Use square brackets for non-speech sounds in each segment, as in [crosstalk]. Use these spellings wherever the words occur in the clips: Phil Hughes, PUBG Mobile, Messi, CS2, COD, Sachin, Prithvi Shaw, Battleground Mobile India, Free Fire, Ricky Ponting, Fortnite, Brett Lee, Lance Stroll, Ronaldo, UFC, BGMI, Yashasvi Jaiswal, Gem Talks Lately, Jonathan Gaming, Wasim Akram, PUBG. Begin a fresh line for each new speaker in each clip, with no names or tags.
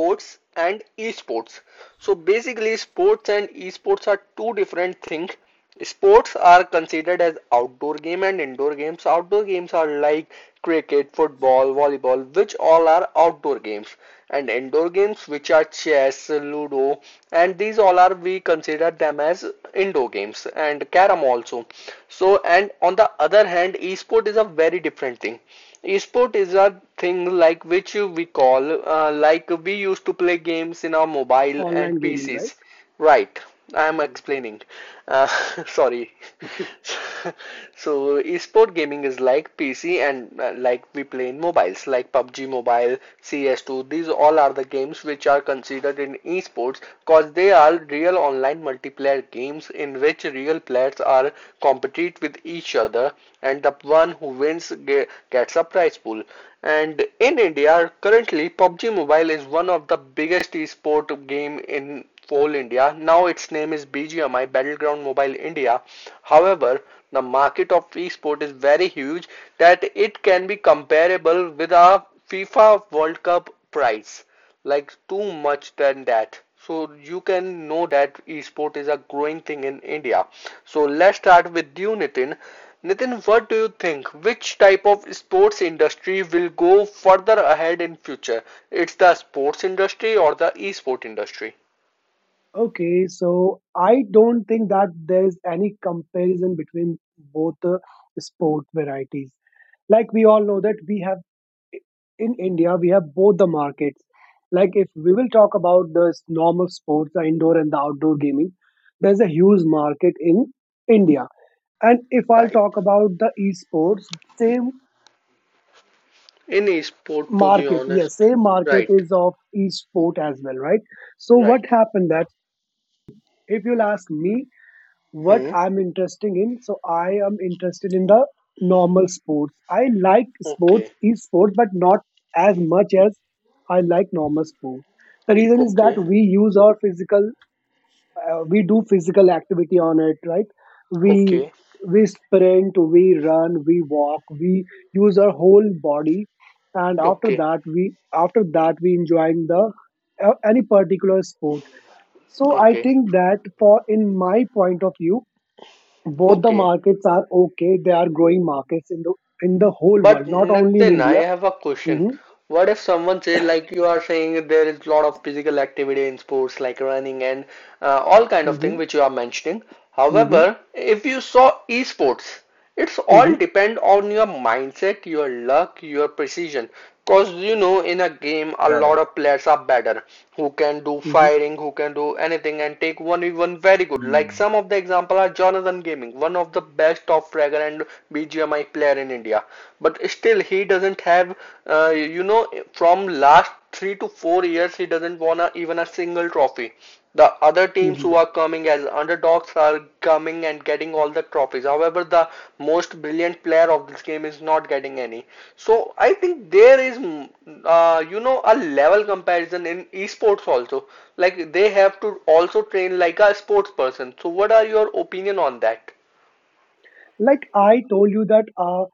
sports and esports. So, basically, sports and esports are two different things. Sports are considered as outdoor game and indoor games. Outdoor games are like cricket, football, volleyball, which all are outdoor games, and indoor games, which are chess, ludo, and these all are we consider them as indoor games and carom also. So, and on the other hand, esport is a very different thing. Esport is a thing like which we call like we used to play games in our mobile
Online
and
gaming, right?
PCs, right? I'm
Mm.
explaining. Uh, sorry. [laughs] So, esport gaming is like PC and like we play in mobiles, like PUBG Mobile, CS2. These all are the games which are considered in esports because they are real online multiplayer games in which real players are compete with each other, and the one who wins gets a prize pool. And in India, currently PUBG Mobile is one of the biggest esport game in Coal India. Now its name is BGMI Battleground Mobile India. However, the market of esport is very huge that it can be comparable with a FIFA World Cup price. Like too much than that. So you can know that esport is a growing thing in India. So let's start with you, Nitin. Nitin, what do you think? Which type of sports industry will go further ahead in future? It's the sports industry or the esport industry?
Okay, so I don't think that there is any comparison between both the sport varieties. Like, we all know that we have in India, we have both the markets. Like if we will talk about the normal sports, the indoor and the outdoor gaming, there's a huge market in India. And if I'll
Right.
talk about the esports, same
Any sport, to be
market,
honest.
yes, same market
Right.
is of esport as well, right? So what
Right.
happened that if you'll ask me, what
Hmm.
I'm interested in. So I am interested in the normal sports. I like sports,
Okay.
esports, but not as much as I like normal sports. The reason is that
Okay.
we use our physical, we do physical activity on it, right? We
Okay.
we sprint, we run, we walk, we use our whole body, and
Okay.
after that we enjoying the any particular sport. So I
Okay.
think that for in my point of view, both the
Okay.
markets are okay. They are growing markets in the whole
But
world, not only in
Nitin, I
India.
have a question.
hmm
What if someone say like you are saying there is a lot of physical activity in sports like running and all kind of
hmm
thing which you are mentioning.
hmm
However, if you saw esports, it's
hmm
all depend on your mindset, your luck, your precision. Cause you know, in a game, a lot
Correct.
of players are better who can do
hmm
firing, who can do anything, and take one even very good. Like
Hmm.
some of the example are Jonathan Gaming, one of the best top fragger and BGMI player in India. But still, he doesn't have, from last 3 to 4 years, he doesn't won a, even a single trophy. The other teams
hmm
who are coming as underdogs are coming and getting all the trophies. However, the most brilliant player of this game is not getting any. So I think there is, a level comparison in esports also. Like they have to also train like a sports person. So what are your opinion on that?
Like I told you that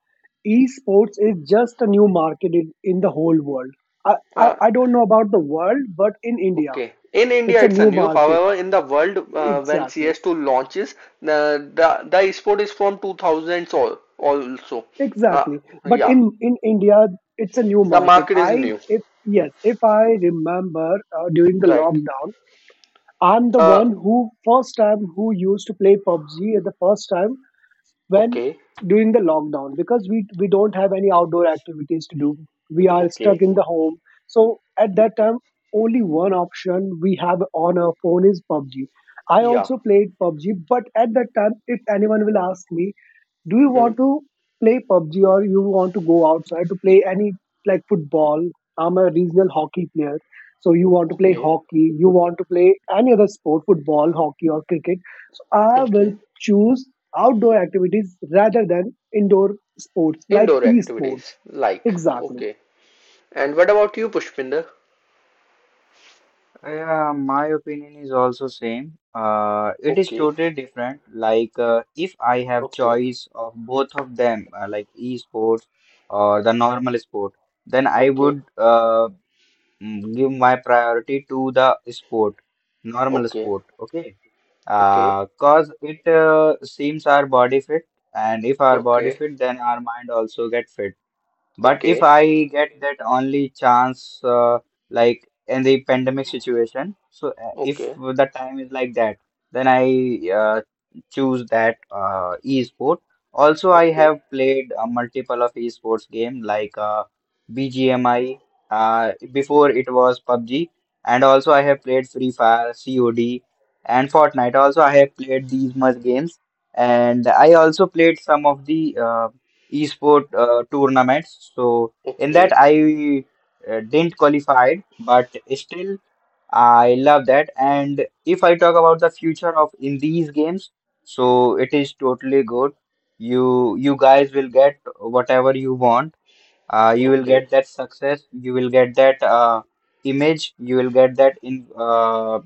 esports is just a new market in, the whole world. I, I
Uh,
I don't know about the world, but in India,
okay. In
it's
India,
a
it's a
new
new.
market.
However, in the world, when
Exactly,
CS2 launches, the esport is from 2000s all also. Uh,
exactly. But
yeah.
in India, it's a new
The
market.
market
I
is new.
If yes, if I remember during the
Right.
lockdown. I'm the
Uh,
one who first time who used to play PUBG at the first time when
okay.
during the lockdown because we don't have any outdoor activities to do. We are
Okay.
stuck in the home. So at that time, only one option we have on our phone is PUBG. I
Yeah.
also played PUBG, but at that time, if anyone will ask me, do you
Hmm.
want to play PUBG or you want to go outside to play any like football? I'm a regional hockey player. So you want to play
Okay.
hockey, you want to play any other sport, football, hockey or cricket. So I will
Okay.
choose outdoor activities rather than indoor sports like
Indoor activities
esports.
like.
Exactly.
Okay. And what about you, Pushpinder?
Yeah, my opinion is also same. It is
Okay.
totally different. If I have
Okay.
choice of both of them, like e-sports or the normal sport, then I
Okay.
would give my priority to the sport, normal
Okay.
sport. Okay.
Okay.
Cause it seems our body fit, and if our body
Okay. Okay.
fit, then our mind also get fit. But if
Okay.
I get that only chance, like in the pandemic situation, so if
Okay.
the time is like that, then I choose that e-sport. Also, I have played a multiple of e-sports game like BGMI. Before it was PUBG, and also I have played Free Fire, COD, and Fortnite. Also, I have played these much games, and I also played some of the esport tournaments. So in that
Okay.
I didn't qualified, but still I love that. And if I talk about the future of in these games, so it is totally good. You guys will get whatever you want. You will
Okay.
get that success. You will get that image. You will get that in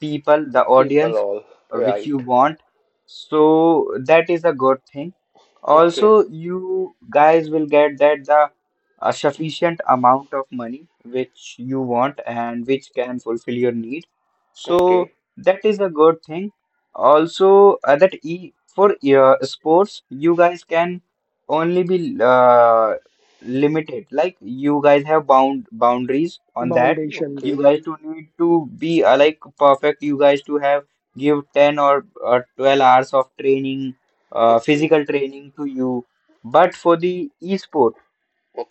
people, the
People
audience
all
which you
right.
want. So that is a good thing.
Okay.
Also, you guys will get that the a sufficient amount of money which you want and which can fulfill your need. So
Okay.
that is a good thing. Also, that e for sports, you guys can only be limited. Like you guys have boundaries on that
Foundations.
Okay.
you guys don't need to be like perfect. You guys to have give 10 or 12 hours of training,
Okay.
physical training to you. But for the e-sport,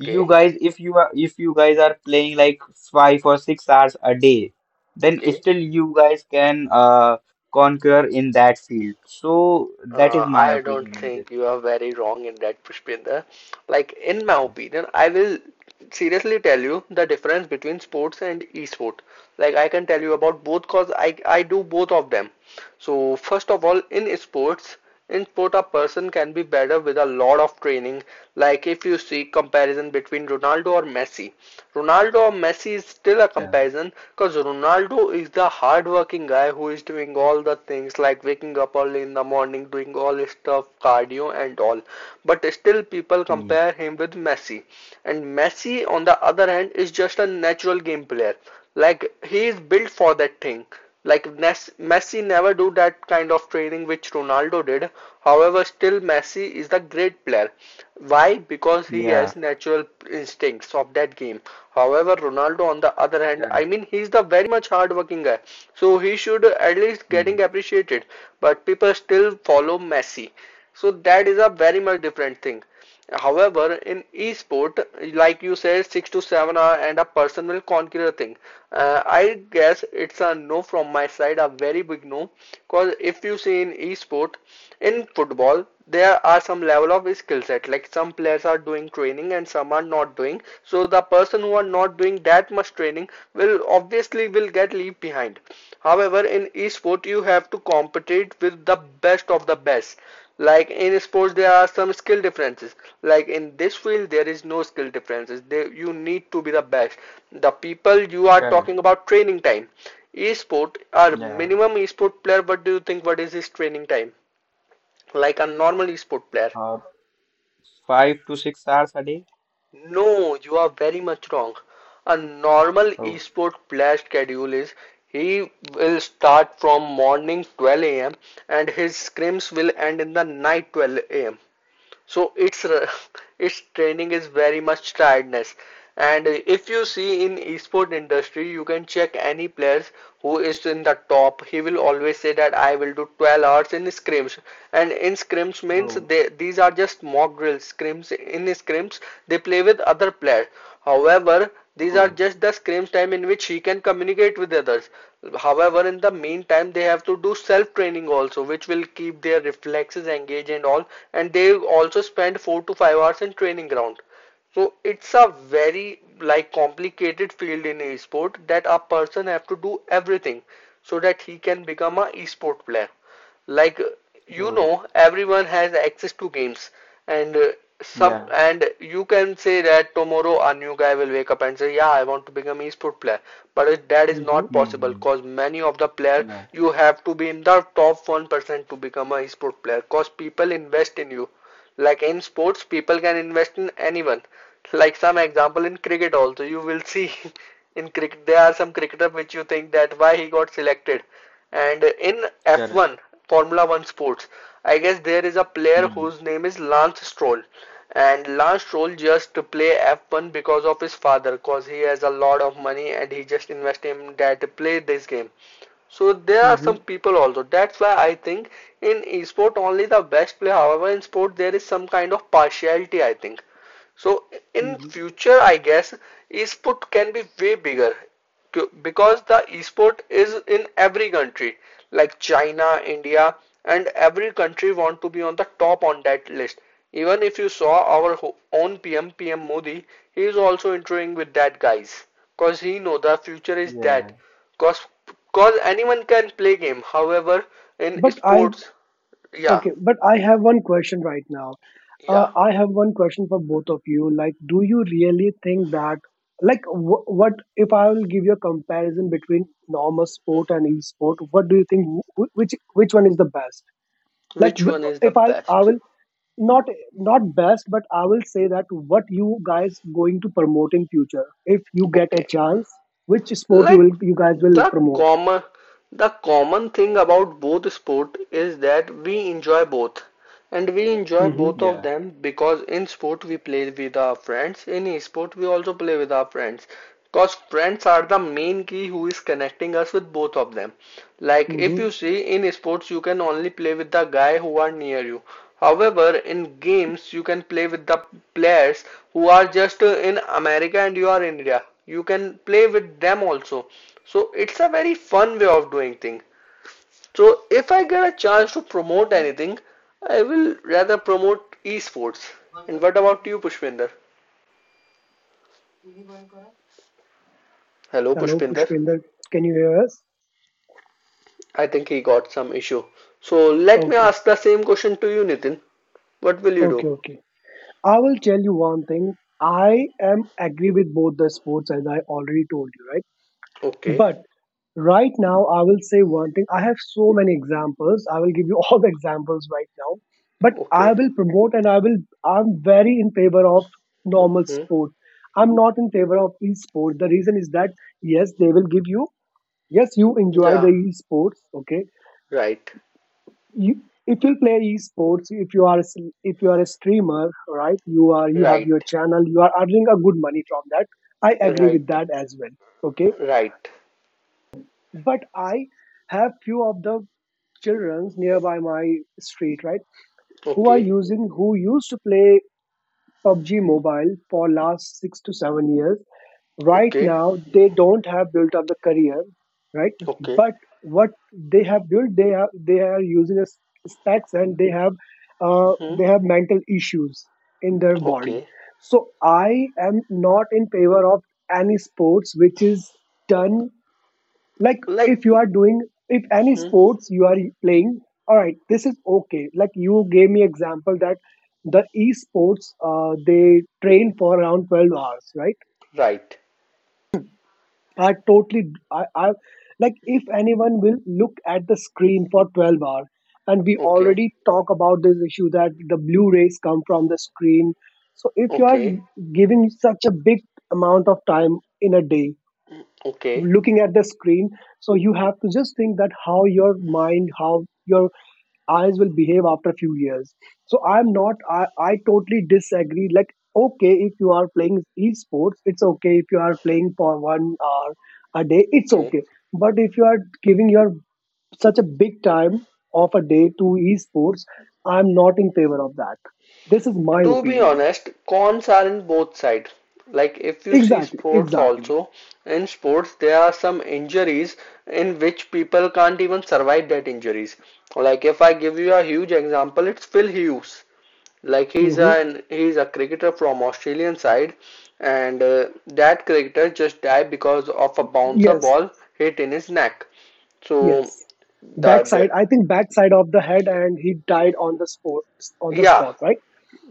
you guys, if you guys are playing like 5 or 6 hours a day, then
Okay.
still you guys can conquer in that field. So that is my
I don't
opinion in this.
think you are very wrong in that, Pushpinder. Like, in my
Yeah.
opinion, I will seriously tell you the difference between sports and esport. Like, I can tell you about both because I do both of them. So, first of all, in sports, input a person can be better with a lot of training. Like if you see comparison between Ronaldo or Messi is still a
Yeah.
comparison because Ronaldo is the hardworking guy who is doing all the things like waking up early in the morning, doing all his stuff, cardio and all. But still people
Hmm.
compare him with Messi. And Messi on the other hand is just a natural game player. Like he is built for that thing. Like Messi never do that kind of training which Ronaldo did. However, still Messi is the great player. Why? Because he
Yeah.
has natural instincts of that game. However, Ronaldo on the other hand, I
Correct.
mean he's the very much hardworking guy. So he should at least
Hmm.
getting appreciated. But people still follow Messi. So that is a very much different thing. However, in esport, like you said, 6 to 7 hour and a person will conquer a thing. I guess it's a no from my side, a very big no. Because if you see in esport, in football, there are some level of skill set. Like some players are doing training and some are not doing. So the person who are not doing that much training will obviously will get left behind. However, in esport, you have to compete with the best of the best. Like in sports, there are some skill differences. Like in this field, there is no skill differences. They, you need to be the best. The people you are
Correct.
talking about training time. Esport, our
Yeah.
minimum esport player, what do you think? What is his training time? Like a normal esport player.
Uh, five to six hours a day.
No, you are very much wrong. A normal
Oh.
esport player schedule is he will start from morning 12 a.m. and his scrims will end in the night 12 a.m. So its [laughs] its training is very much tiredness, and if you see in esport industry you can check any players who is in the top he will always say that I will do 12 hours in scrims and in scrims means
Oh,
they these are just mock drills scrims in scrims they play with other players however these are
oh,
just the screams time in which she can communicate with others. However, in the meantime, they have to do self training also, which will keep their reflexes engaged and all. And they also spend 4 to 5 hours in training ground. So it's a very like complicated field in e-sport that a person have to do everything so that he can become a sport player like you
oh,
know everyone has access to games and some
yeah,
and you can say that tomorrow a new guy will wake up and say yeah I want to become esport player but that is
hmm
not possible
hmm,
cause many of the players
yeah,
you have to be in the top 1% to become a esport player cause people invest in you like in sports, people can invest in anyone. Like some example in cricket also, you will see [laughs] in cricket there are some cricketer which you think that why he got selected. And in
correct,
F1, Formula One sports, I guess there is a player
hmm,
whose name is Lance Stroll. And Lance Stroll just to play F1 because of his father, cause he has a lot of money and he just invest in that to play this game. So there are
hmm
some people also. That's why I think in esport only the best play. However, in sport there is some kind of partiality, I think. So in
hmm
future, I guess esport can be way bigger because the esport is in every country like China, India, and every country want to be on the top on that list. Even if you saw our own PM, PM Modi, he is also interviewing with that guys because he know the future is that.
yeah,
Because Cause anyone can play game. However, in
But I
sports, yeah,
Okay, but I have one question right now.
yeah.
I have one question for both of you. Like, do you really think that, like, what if I will give you a comparison between normal sport and e-sport? What do you think? Which which one is the best? Like,
Which one
wh-
is the
if I I
best?
will not not best, but I will say that what you guys going to promote in future if you get a
Okay.
chance, which sport you
Like
will you guys will
the
promote?
common the common thing about both sport is that we enjoy both. And we enjoy
Mm-hmm.
both of them because in sport we play with our friends, in sport we also play with our friends. Because friends are the main key who is connecting us with both of them. Like if you
Mm-hmm.
see in sports, you can only play with the guy who are near you. However, in games you can play with the players who are just in America and you are in India. You can play with them also. So it's a very fun way of doing things. So if I get a chance to promote anything, I will rather promote esports. And what about you, Pushpinder?
yeah,
Hello,
Hello,
Pushpinder.
Pushpinder. Can you hear us?
I think he got some issue. So let me
Okay.
ask the same question to you, Nitin. What will you
Okay.
do?
Okay. I will tell you one thing. I am agree with both the sports as I already told you, right?
Okay,
But right now, I will say one thing. I have so many examples. I will give you [laughs] all the examples right now. But I
okay.
will promote and I'm very in favor of normal
Hmm.
sport. I'm not in favor of e-sport. The reason is that, yes, they will give you, yes, you enjoy the
Yeah,
e-sports, okay?
right,
You if you play esports, if you are a if you are a streamer, right, you are you have your
right,
channel, you are earning a good money from that. I agree with
right.
that as well, okay?
Right.
But I have few of the childrens nearby my street, right, who are
Okay.
using who used to play PUBG mobile for last 6 to 7 years. Right
Okay.
now they don't have built up the career, right?
Okay.
But what they have built, they are using as specs and
Hmm.
they have mental issues in their body.
Okay.
So I am not in favor of any sports which is done, like if
Like.
you are doing if any
Hmm.
sports you are playing, all right, this is okay. Like you gave me example that the esports they train for around 12 hours, right?
Right.
I totally, I, like if anyone will look at the screen for 12 hours, and we
Okay.
already talk about this issue that the blue rays come from the screen. So if you are
Okay.
giving such a big amount of time in a day
Okay.
looking at the screen, so you have to just think that how your mind, how your eyes will behave after a few years. So I'm not I, I totally disagree. Like okay, if you are playing esports, it's okay. If you are playing for 1 hour a day, it's
Okay.
okay. But if you are giving your such a big time of a day to esports, I'm not in favor of that. This is my
To be
opinion.
honest, cons are in both sides. Like if you see
Exactly,
sports
exactly.
also, in sports there are some injuries in which people can't even survive that injuries. Like if I give you a huge example, it's Phil Hughes. Like
hmm
he's a cricketer from Australian side, and that cricketer just died because of a bouncer
yes,
ball hit in his neck. So
yes, backside.
that
I think backside of the head and he died on the spot, on the
yeah,
spot, right?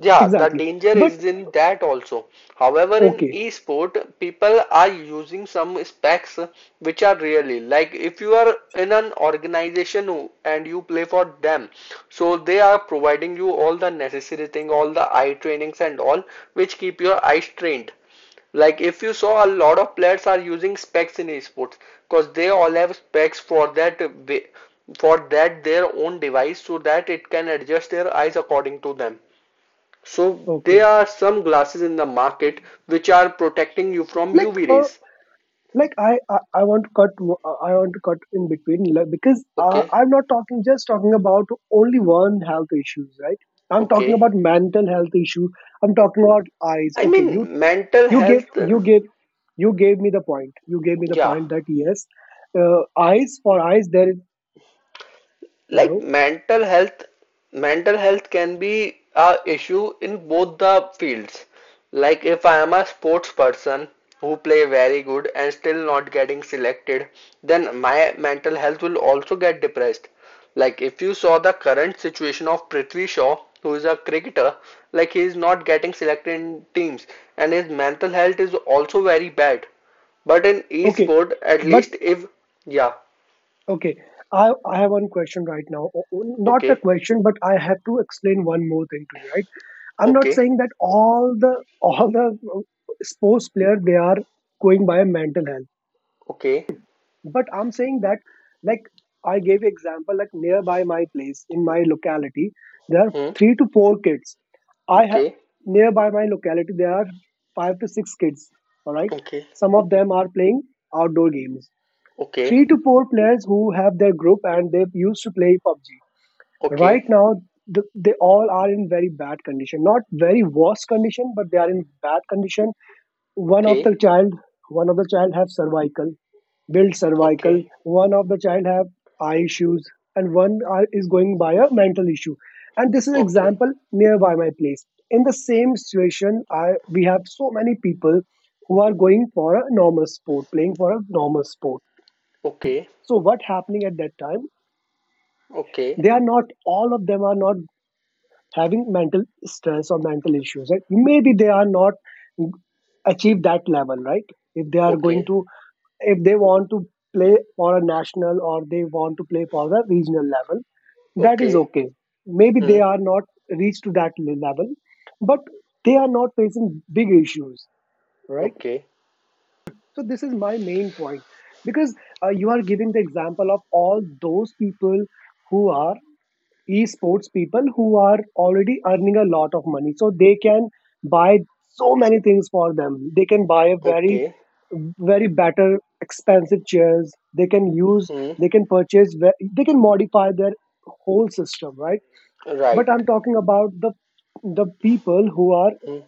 Yeah, the
Exactly,
danger
but
is in that also. However, in
okay.
esport, people are using some specs which are really like if you are in an organization and you play for them, so they are providing you all the necessary thing, all the eye trainings and all, which keep your eyes trained. Like if you saw, a lot of players are using specs in esports because they all have specs for that way, for that their own device so that it can adjust their eyes according to them. So
Okay.
there are some glasses in the market which are protecting you from
Like
UV rays.
I want to cut I want to cut in between, like, because
Okay,
I'm not talking just talking about only one health issues, right? I'm talking
okay.
about mental health issue. I'm talking about eyes.
I
Okay, you
mean mental
you gave
health,
you gave me the point. You gave me the
yeah.
point that yes, eyes for eyes there is
Like
hello.
mental health can be a issue in both the fields. Like if I am a sports person who play very good and still not getting selected, then my mental health will also get depressed. Like if you saw the current situation of Prithvi Shaw, who is a cricketer, like he is not getting selected in teams and his mental health is also very bad. But in
Okay.
e-sport, at
But
least if. Yeah,
okay, I have one question right now. Not a
okay,
question, but I have to explain one more thing to you, right? I'm not
okay,
saying that all the sports player they are going by mental health,
okay.
but I'm saying that like I gave example like nearby my place in my locality there are
Hmm.
three to four kids. I have
Okay.
nearby my locality there are five to six kids. All right,
Okay.
some of them are playing outdoor games.
Okay.
Three to four players who have their group and they used to play PUBG right
Okay.
now, they all are in very bad condition, not very worse condition, but they are in bad condition. One of the
Okay.
child, one of the child have cervical built cervical,
Okay.
one of the child have eye issues and one are, is going by a mental issue. And this is
Okay.
example nearby my place. In the same situation, I we have so many people who are going for a normal sport, playing for a normal sport.
Okay.
So what happening at that time,
Okay.
they are not, all of them are not having mental stress or mental issues, right? Maybe they are not achieve that level, right? If they are going
Okay.
to if they want to play for a national or they want to play for the regional level, that is
Okay.
okay. Maybe
Hmm.
they are not reached to that level, but they are not facing big issues, right?
Okay.
So this is my main point. Because you are giving the example of all those people who are esports people who are already earning a lot of money, so they can buy so many things for them, they can buy a
Okay.
very better expensive chairs, they can use,
Hmm.
they can purchase they can modify their whole system, right? But
Right.
I'm talking about the people who are
Hmm.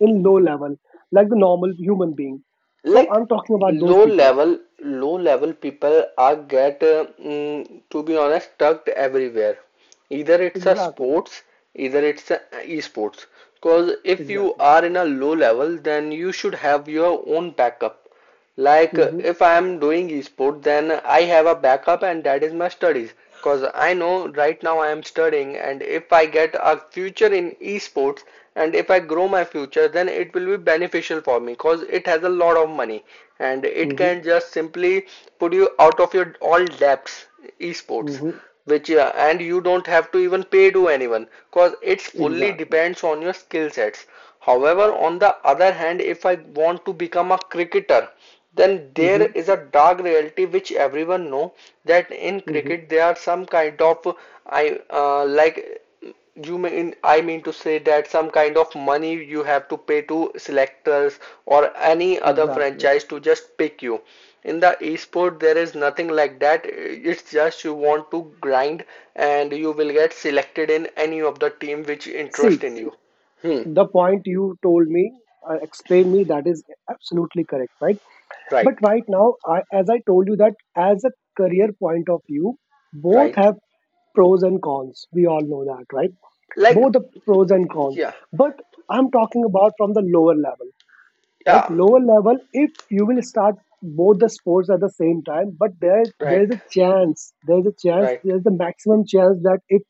in low level, like the normal human being. So
Like
I'm talking about those
low
people.
level, low level people are get to be honest tucked everywhere. Either it's a
Exactly,
sports, either it's a esports. Because if you
exactly.
are in a low level, then you should have your own backup. Like
Mm-hmm,
if I am doing esport, then I have a backup, and that is my studies. Cause I know right now I am studying, and if I get a future in esports, and if I grow my future, then it will be beneficial for me. Cause it has a lot of money, and it
mm-hmm,
can just simply put you out of your all debts. Esports
mm-hmm,
which, yeah, and you don't have to even pay to anyone because it's fully
exactly.
depends on your skill sets. However, on the other hand, if I want to become a cricketer, then there
Mm-hmm,
is a dark reality which everyone know that in
mm-hmm,
cricket there are some kind of I uh, like I mean to say that some kind of money you have to pay to selectors or any other
exactly.
franchise to just pick you. In the esport, there is nothing like that. It's just you want to grind and you will get selected in any of the team which interest
See,
in you. Hmm.
the point you told me, explained me, that is absolutely correct, right? But
Right.
right now, I, as I told you, that as a career point of view, both
Right.
have pros and cons. We all know that, right?
Like,
Both the pros and cons.
yeah.
But I'm talking about from the lower level. Like
Yeah.
lower level, if you will start both the sports at the same time, but there is a
Right.
chance, there is a chance,
Right.
there is the maximum chance that if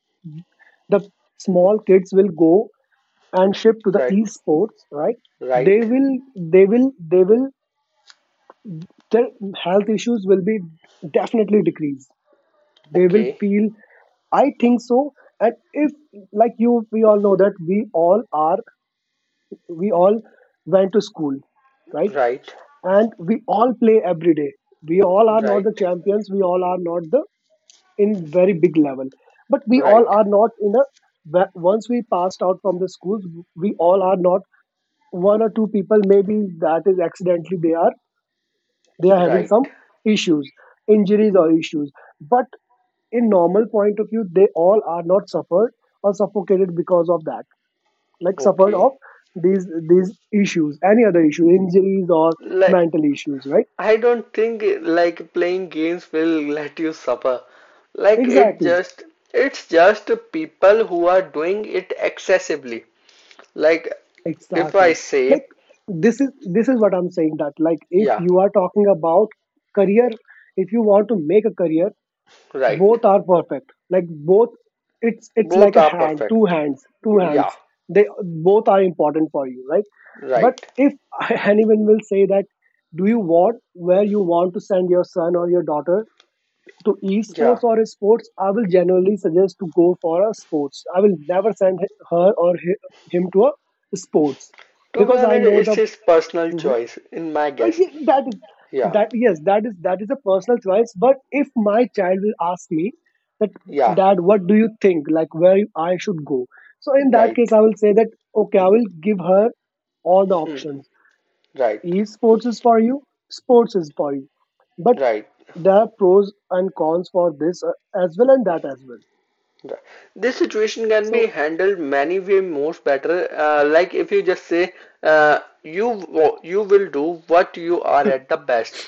the small kids will go and shift to the
Right.
esports, right, they
Right.
will they will their health issues will be definitely decreased, they will
Okay.
feel, I think so. And if like you, we all know that we all went to school, right,
Right.
and we all play every day. We all are not the
Right.
champions, we all are not the in very big level, but we all
Right.
are not in a once we passed out from the schools, we all are not, one or two people maybe that is accidentally they are having
Right.
some issues, injuries or issues, but in normal point of view, they all are not suffered or suffocated because of that, like suffered of
Okay.
these issues, any other issue, injuries or
Like
mental issues, right?
I don't think like playing games will let you suffer. Like it
Exactly,
just it's just people who are doing it excessively. Like if I
exactly, like
say,
this is what I'm saying, that like if
yeah,
you are talking about career, if you want to make a career,
right.
both are perfect, like both, it's
Both
like a
are
hand, two
perfect.
hands two
Yeah,
hands they both are important for you, right? But
right.
if [laughs] anyone will say that, do you want, where you want to send your son or your daughter, to
Yeah.
esports or sports? I will generally suggest to go for a sports. I will never send her or him to a sports,
To be
because I
honest,
know
it's
the.
his personal
Mhm.
choice, in my guess.
Ye- that is
Yeah,
that Yes, that is, that is a personal choice. But if my child will ask me that,
yeah,
dad, what do you think, like where I should go, so in that case
right.
I will say that, okay, I will give her all the
Hmm.
options.
Right,
Esports is for you, sports is for you, but
right.
there are pros and cons for this as well and that as well.
This situation can be
So
handled many way most better. Like if you just say, uh, you you will do what you are at the best.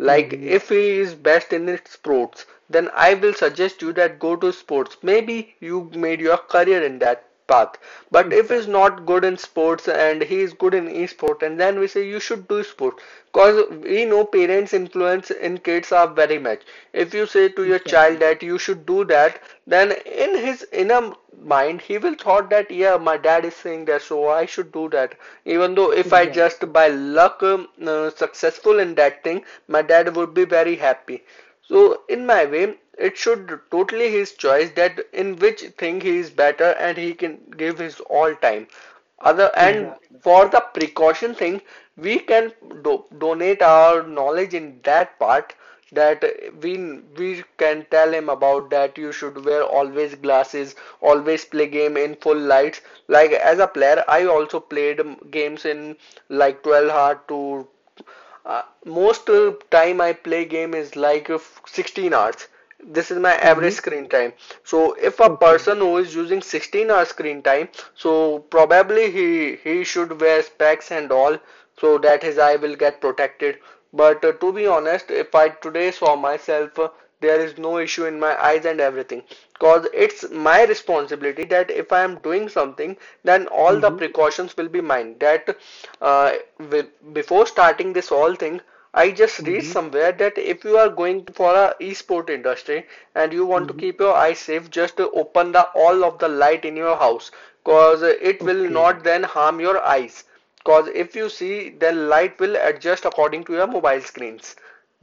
Like
hmm,
if he is best in sports, then I will suggest you that go to sports. Maybe you made your career in that path. But if he's
exactly,
not good in sports and he is good in e-sport, and then we say you should do sport, cause we know parents' influence in kids are very much. If you say to your child
exactly,
that you should do that, then in his inner mind he will thought that, yeah, my dad is saying that so I should do that. Even though if I just
exactly,
by luck successful in that thing, my dad would be very happy. So, in my way, it should totally his choice that in which thing he is better and he can give his all time. Other and
exactly,
for the precaution thing, we can do, donate our knowledge in that part that we we can tell him about that you should wear always glasses, always play game in full lights. Like as a player I also played games in like 12 hours. To most time I play game is like 16 hours. This is my average
hmm,
screen time. So if a
okay,
person who is using 16-hour screen time, so probably he should wear specs and all so that his eye will get protected. But to be honest, if I today saw myself, there is no issue in my eyes and everything because it's my responsibility that if I am doing something then all the
hmm,
precautions will be mine. That uh, before starting this whole thing, I just read
hmm,
somewhere that if you are going to for a e-sport industry and you want to
hmm,
keep your eyes safe, just open the all of the light in your house, cause it will
okay.
not then harm your eyes. Cause if you see, then light will adjust according to your mobile screens.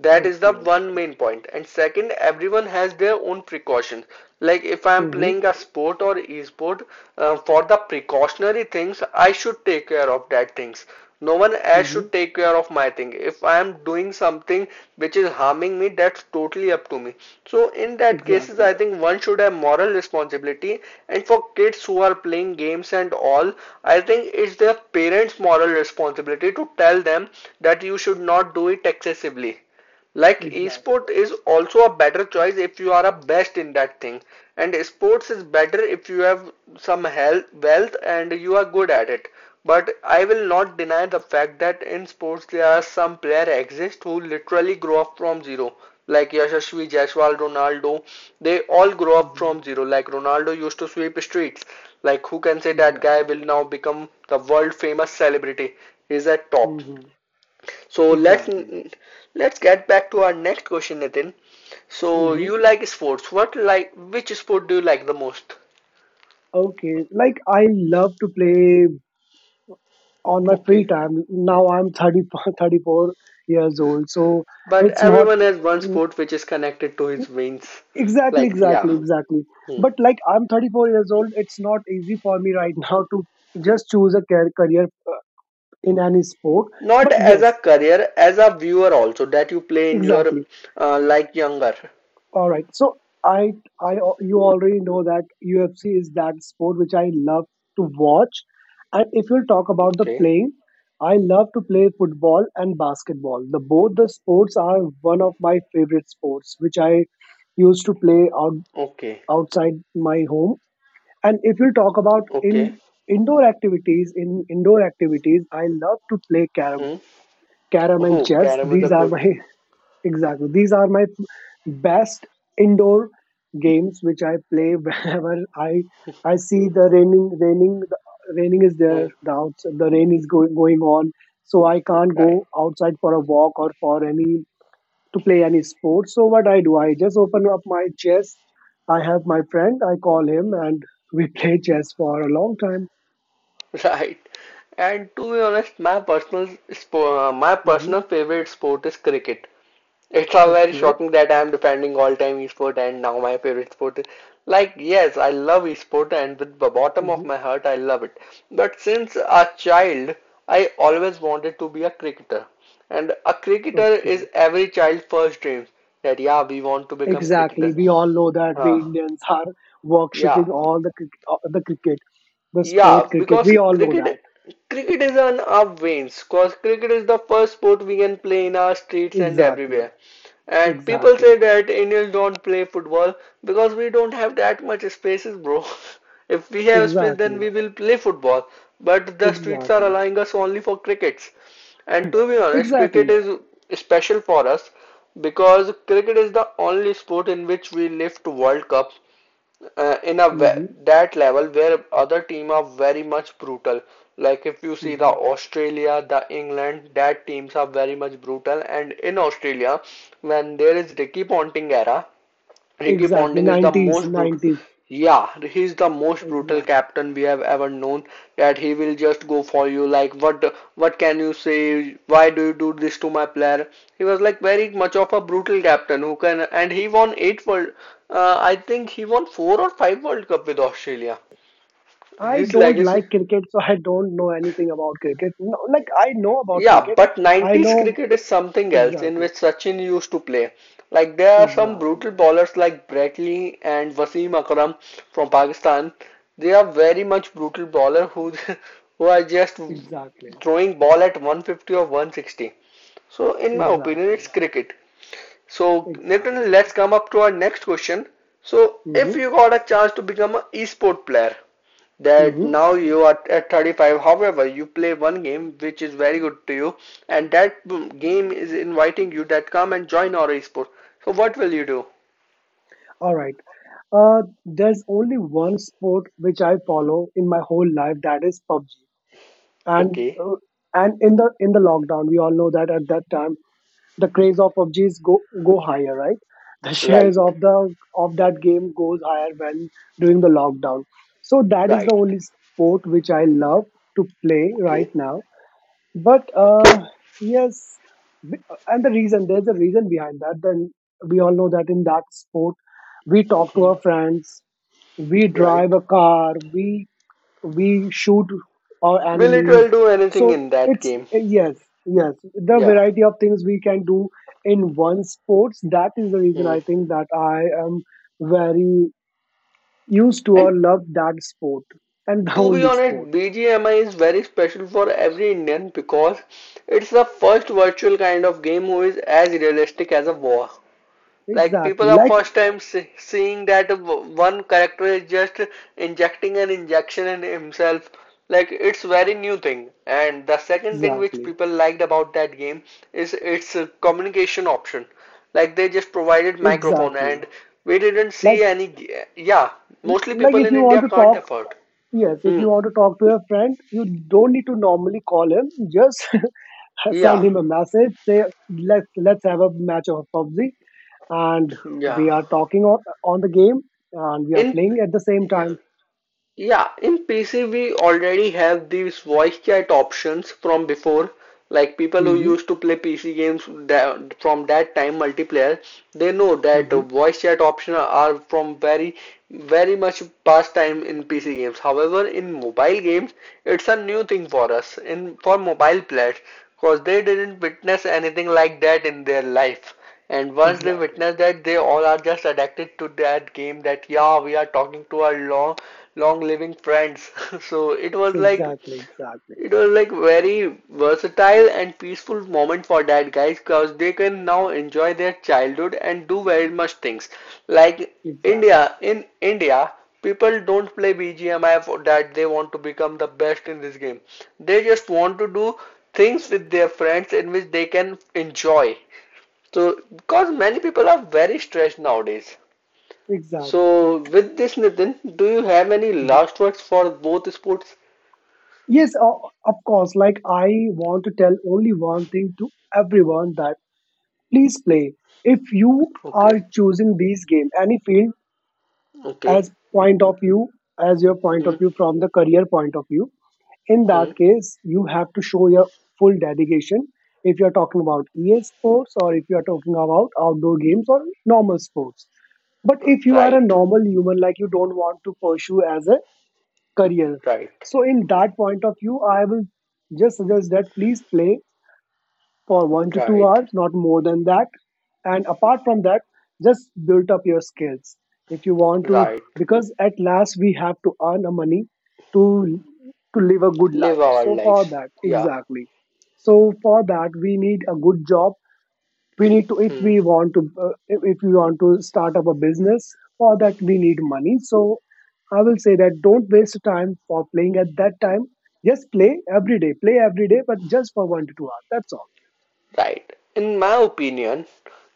That is the
Okay,
one
okay.
main point. And second, everyone has their own precautions. Like if I am
Mm-hmm.
playing a sport or e-sport, for the precautionary things, I should take care of that things. No one else
Mm-hmm.
should take care of my thing. If I am doing something which is harming me, that's totally up to me. So in that cases, I
Exactly.
think one should have moral responsibility. And for kids who are playing games and all, I think it's their parents' moral responsibility to tell them that you should not do it excessively. Like
Exactly.
esport is also a better choice if you are a best in that thing. And sports is better if you have some health, wealth and you are good at it. But I will not deny the fact that in sports there are some players exist who literally grow up from zero. Like Yashasvi, Jaiswal, Ronaldo, they all grow up
Mm-hmm.
from zero. Like Ronaldo used to sweep streets. Like who can say that guy
Exactly.
will now become the world famous celebrity? He's at top.
Mm-hmm.
So let's
Exactly.
let's get back to our next question, Nitin. So
Mm-hmm.
you like sports. What, which sport do you like the most?
Okay. Like I love to play on my free
Okay.
time. Now I'm 34, [laughs] 34 years old, so
But
it's not
everyone has one sport which is connected to his veins.
exactly,
Like, yeah.
exactly, exactly.
Hmm.
But like I'm 34 years old, it's not easy for me right [laughs] now to just choose a career in any sport.
Not
But
as
yes,
a career, as a viewer also that you play in your
exactly.
like younger.
All right. So I, I, you already know that UFC is that sport which I love to watch. And if you'll talk about the
Okay.
playing, I love to play football and basketball. The both the sports are one of my favorite sports, which I used to play
Okay.
outside my home. And if you'll talk about
Okay.
in indoor activities, I love to play carom,
Hmm.
carom and
Oh,
chess.
carom is a
These are
good.
my [laughs] exactly. These are my best indoor games which I play [laughs] whenever I see the raining, the raining is there,
Hmm.
the outs the rain is going on, so I can't
Right.
go outside for a walk or for any, to play any sport. So what I do, I just open up my chess. I have my friend, I call him, and we [laughs] play chess for a long time.
[laughs] Right. And to be honest, my personal spo- uh, my
Hmm,
personal favorite sport is cricket. It's all very
okay,
shocking that I am defending all-time esport and now my favorite sport is like, yes, I love esport and with the bottom
hmm,
of my heart I love it. But since a child, I always wanted to be a cricketer. And a cricketer
okay,
is every child's first dream that, yeah, we want to become
exactly.
cricketer.
We all know that we
Huh.
Indians are
Yeah.
worshipping all the the cricket, the
Yeah,
sport cricket.
because
We all know that.
cricket is on our veins. Because cricket is the first sport we can play in our streets and
Exactly.
everywhere. And people
Exactly.
say that Indians don't play football because we don't have that much spaces, bro. [laughs] If we have space, then
Exactly.
we will play football. But the streets are
Exactly.
allowing us only for crickets. And to be honest, cricket
Exactly.
is special for us because cricket is the only sport in which we lift World Cup in a
Hmm.
that level where other team are very much brutal. Like if you see the
Hmm.
Australia, the England, that teams are very much brutal. And in Australia, when there is Ricky Ponting era, Ricky
Exactly.
Ponting is the
Nineties.
most brutal.
Nineties.
Yeah, he's the most brutal
Exactly.
captain we have ever known. That he will just go for you. Like, what can you say? Why do you do this to my player? He was like very much of a brutal captain who can, and he won eight world. I think he won four or five World Cup with Australia.
I
His
don't
legacy.
like cricket, so I don't know anything about cricket. No, like I know about
Yeah,
cricket.
but
I
90s
know.
cricket is something else in
Exactly.
which Sachin used to play. Like there are some
Exactly.
brutal bowlers like Brett Lee and Wasim Akram from Pakistan. They are very much brutal bowler who [laughs] who are just
Exactly.
throwing ball at 150 or 160. So in my opinion, it's
Exactly.
cricket. So Nitin, let's
Exactly.
come up to our next question. So if
Mm-hmm.
you got a chance to become an e-sport player, that
Mm-hmm.
now you are at 35, however you play one game which is very good to you and that game is inviting you that come and join our esports. So what will you do?
All right. There's only one sport which I follow in my whole life, that is PUBG. And
Okay.
in the lockdown, we all know that at that time the craze of PUBG is go higher, right? [laughs] The
Right,
shares of the of that game goes higher when during the lockdown. So that is the
right.
only sport which I love to play right
Okay,
now. But
okay.
yes, b- and the reason, there's a reason behind that. Then we all know that in that sport, we talk to
Hmm,
our friends, we
right.
drive a car, we shoot our
will it
enemies,
will do anything
so
in that
it's,
game?
yes, yes, the
Yeah.
variety of things we can do in one sports, that is the reason, I
Hmm.
think, that I am very used to
And
or love that sport, and the
to be
only
honest,
sport,
BGMI is very special for every Indian because it's the first virtual kind of game who is as realistic as a war. Like
exactly,
people are
like
first time seeing that one character is just injecting an injection in himself. Like it's very new thing. And the second thing which
exactly,
people liked about that game is its communication option. Like they just provided microphone
exactly,
and we didn't see
like
any. Yeah, mostly
like
people
if
in
you want
India
to
can't
talk,
afford.
yes, if
Hmm.
you want to talk to your friend, you don't need to normally call him, just [laughs] send
Yeah.
him a message, say, let's have a match of PUBG, and
Yeah.
we are talking on the game and we are
In
playing at the same time.
Yeah, in PC we already have these voice chat options from before. Like people who
Hmm,
used to play PC games that, from that time multiplayer, they know that
hmm,
voice chat option are from very very much past time in PC games. However, in mobile games, it's a new thing for us in for mobile players because they didn't witness anything like that in their life. And once they
exactly,
witness that, they all are just addicted to that game that, yeah, we are talking to our long, long living friends. [laughs] So it was like,
exactly, exactly,
it was like very versatile and peaceful moment for that guys because they can now enjoy their childhood and do very much things. Like
exactly,
in India, people don't play BGMI for that they want to become the best in this game. They just want to do things with their friends in which they can enjoy, so, because many people are very stressed nowadays.
exactly.
So, with this, Nitin, do you have any
Mhm.
last words for both sports?
Yes, of course. Like I want to tell only one thing to everyone, that please play. If you
Okay,
are choosing these game, any field
okay.
as point of view, as your point
Hmm,
of view, from the career point of view, in that
hmm.
case you have to show your full dedication if you're talking about EA sports, or if you're talking about outdoor games or normal sports. But if you are a
Right,
normal human, like you don't want to pursue as a career,
right,
so in that point of view, I will just suggest that please play for one to two
right,
hours, not more than that. And apart from that, just build up your skills. If you want to,
right.
because at last we have to earn a money to to live a good
Live
life.
our
So for
lives.
that,
Yeah.
exactly. So for that, we need a good job. We need to, if
Hmm.
we want to, if we want to start up a business, for that we need money. So I will say that, don't waste time for playing at that time. Just play every day. Play every day, but just for 1 to 2 hours. That's all.
Right. In my opinion,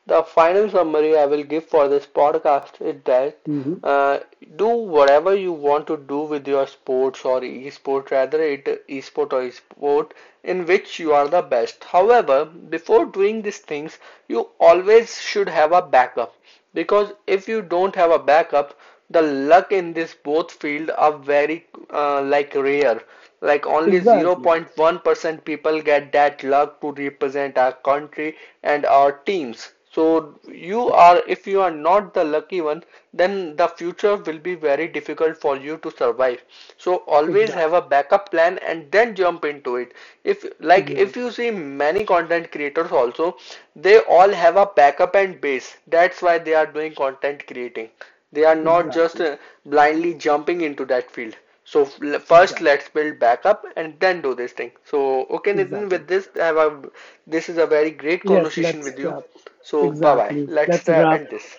the final summary I will give for this podcast is that
Mhm.
uh, do whatever you want to do with your sports or e-sport, rather it e-sport or e-sport, in which you are the best. However, before doing these things, you always should have a backup because if you don't have a backup, the luck in this both field are very like rare. Like only
Exactly.
0.1% people get that luck to represent our country and our teams. So you are if you are not the lucky one, then the future will be very difficult for you to survive. So always have a
Exactly.
backup plan and then jump into it. If you
Exactly.
see, many content creators also, they all have a backup and base. That's why they are doing content creating. They are not just
Exactly.
blindly jumping into that field. So first
Exactly.
let's build backup and then do this thing. So okay, Nitin, with
Exactly.
this this is a very great
Yes,
conversation
let's
with you. So bye bye.
exactly.
Let's
Let's wrap.
end this.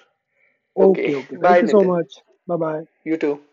Okay,
Okay,
okay. Thank
bye
you so
Nitin.
much. Bye bye.
You too.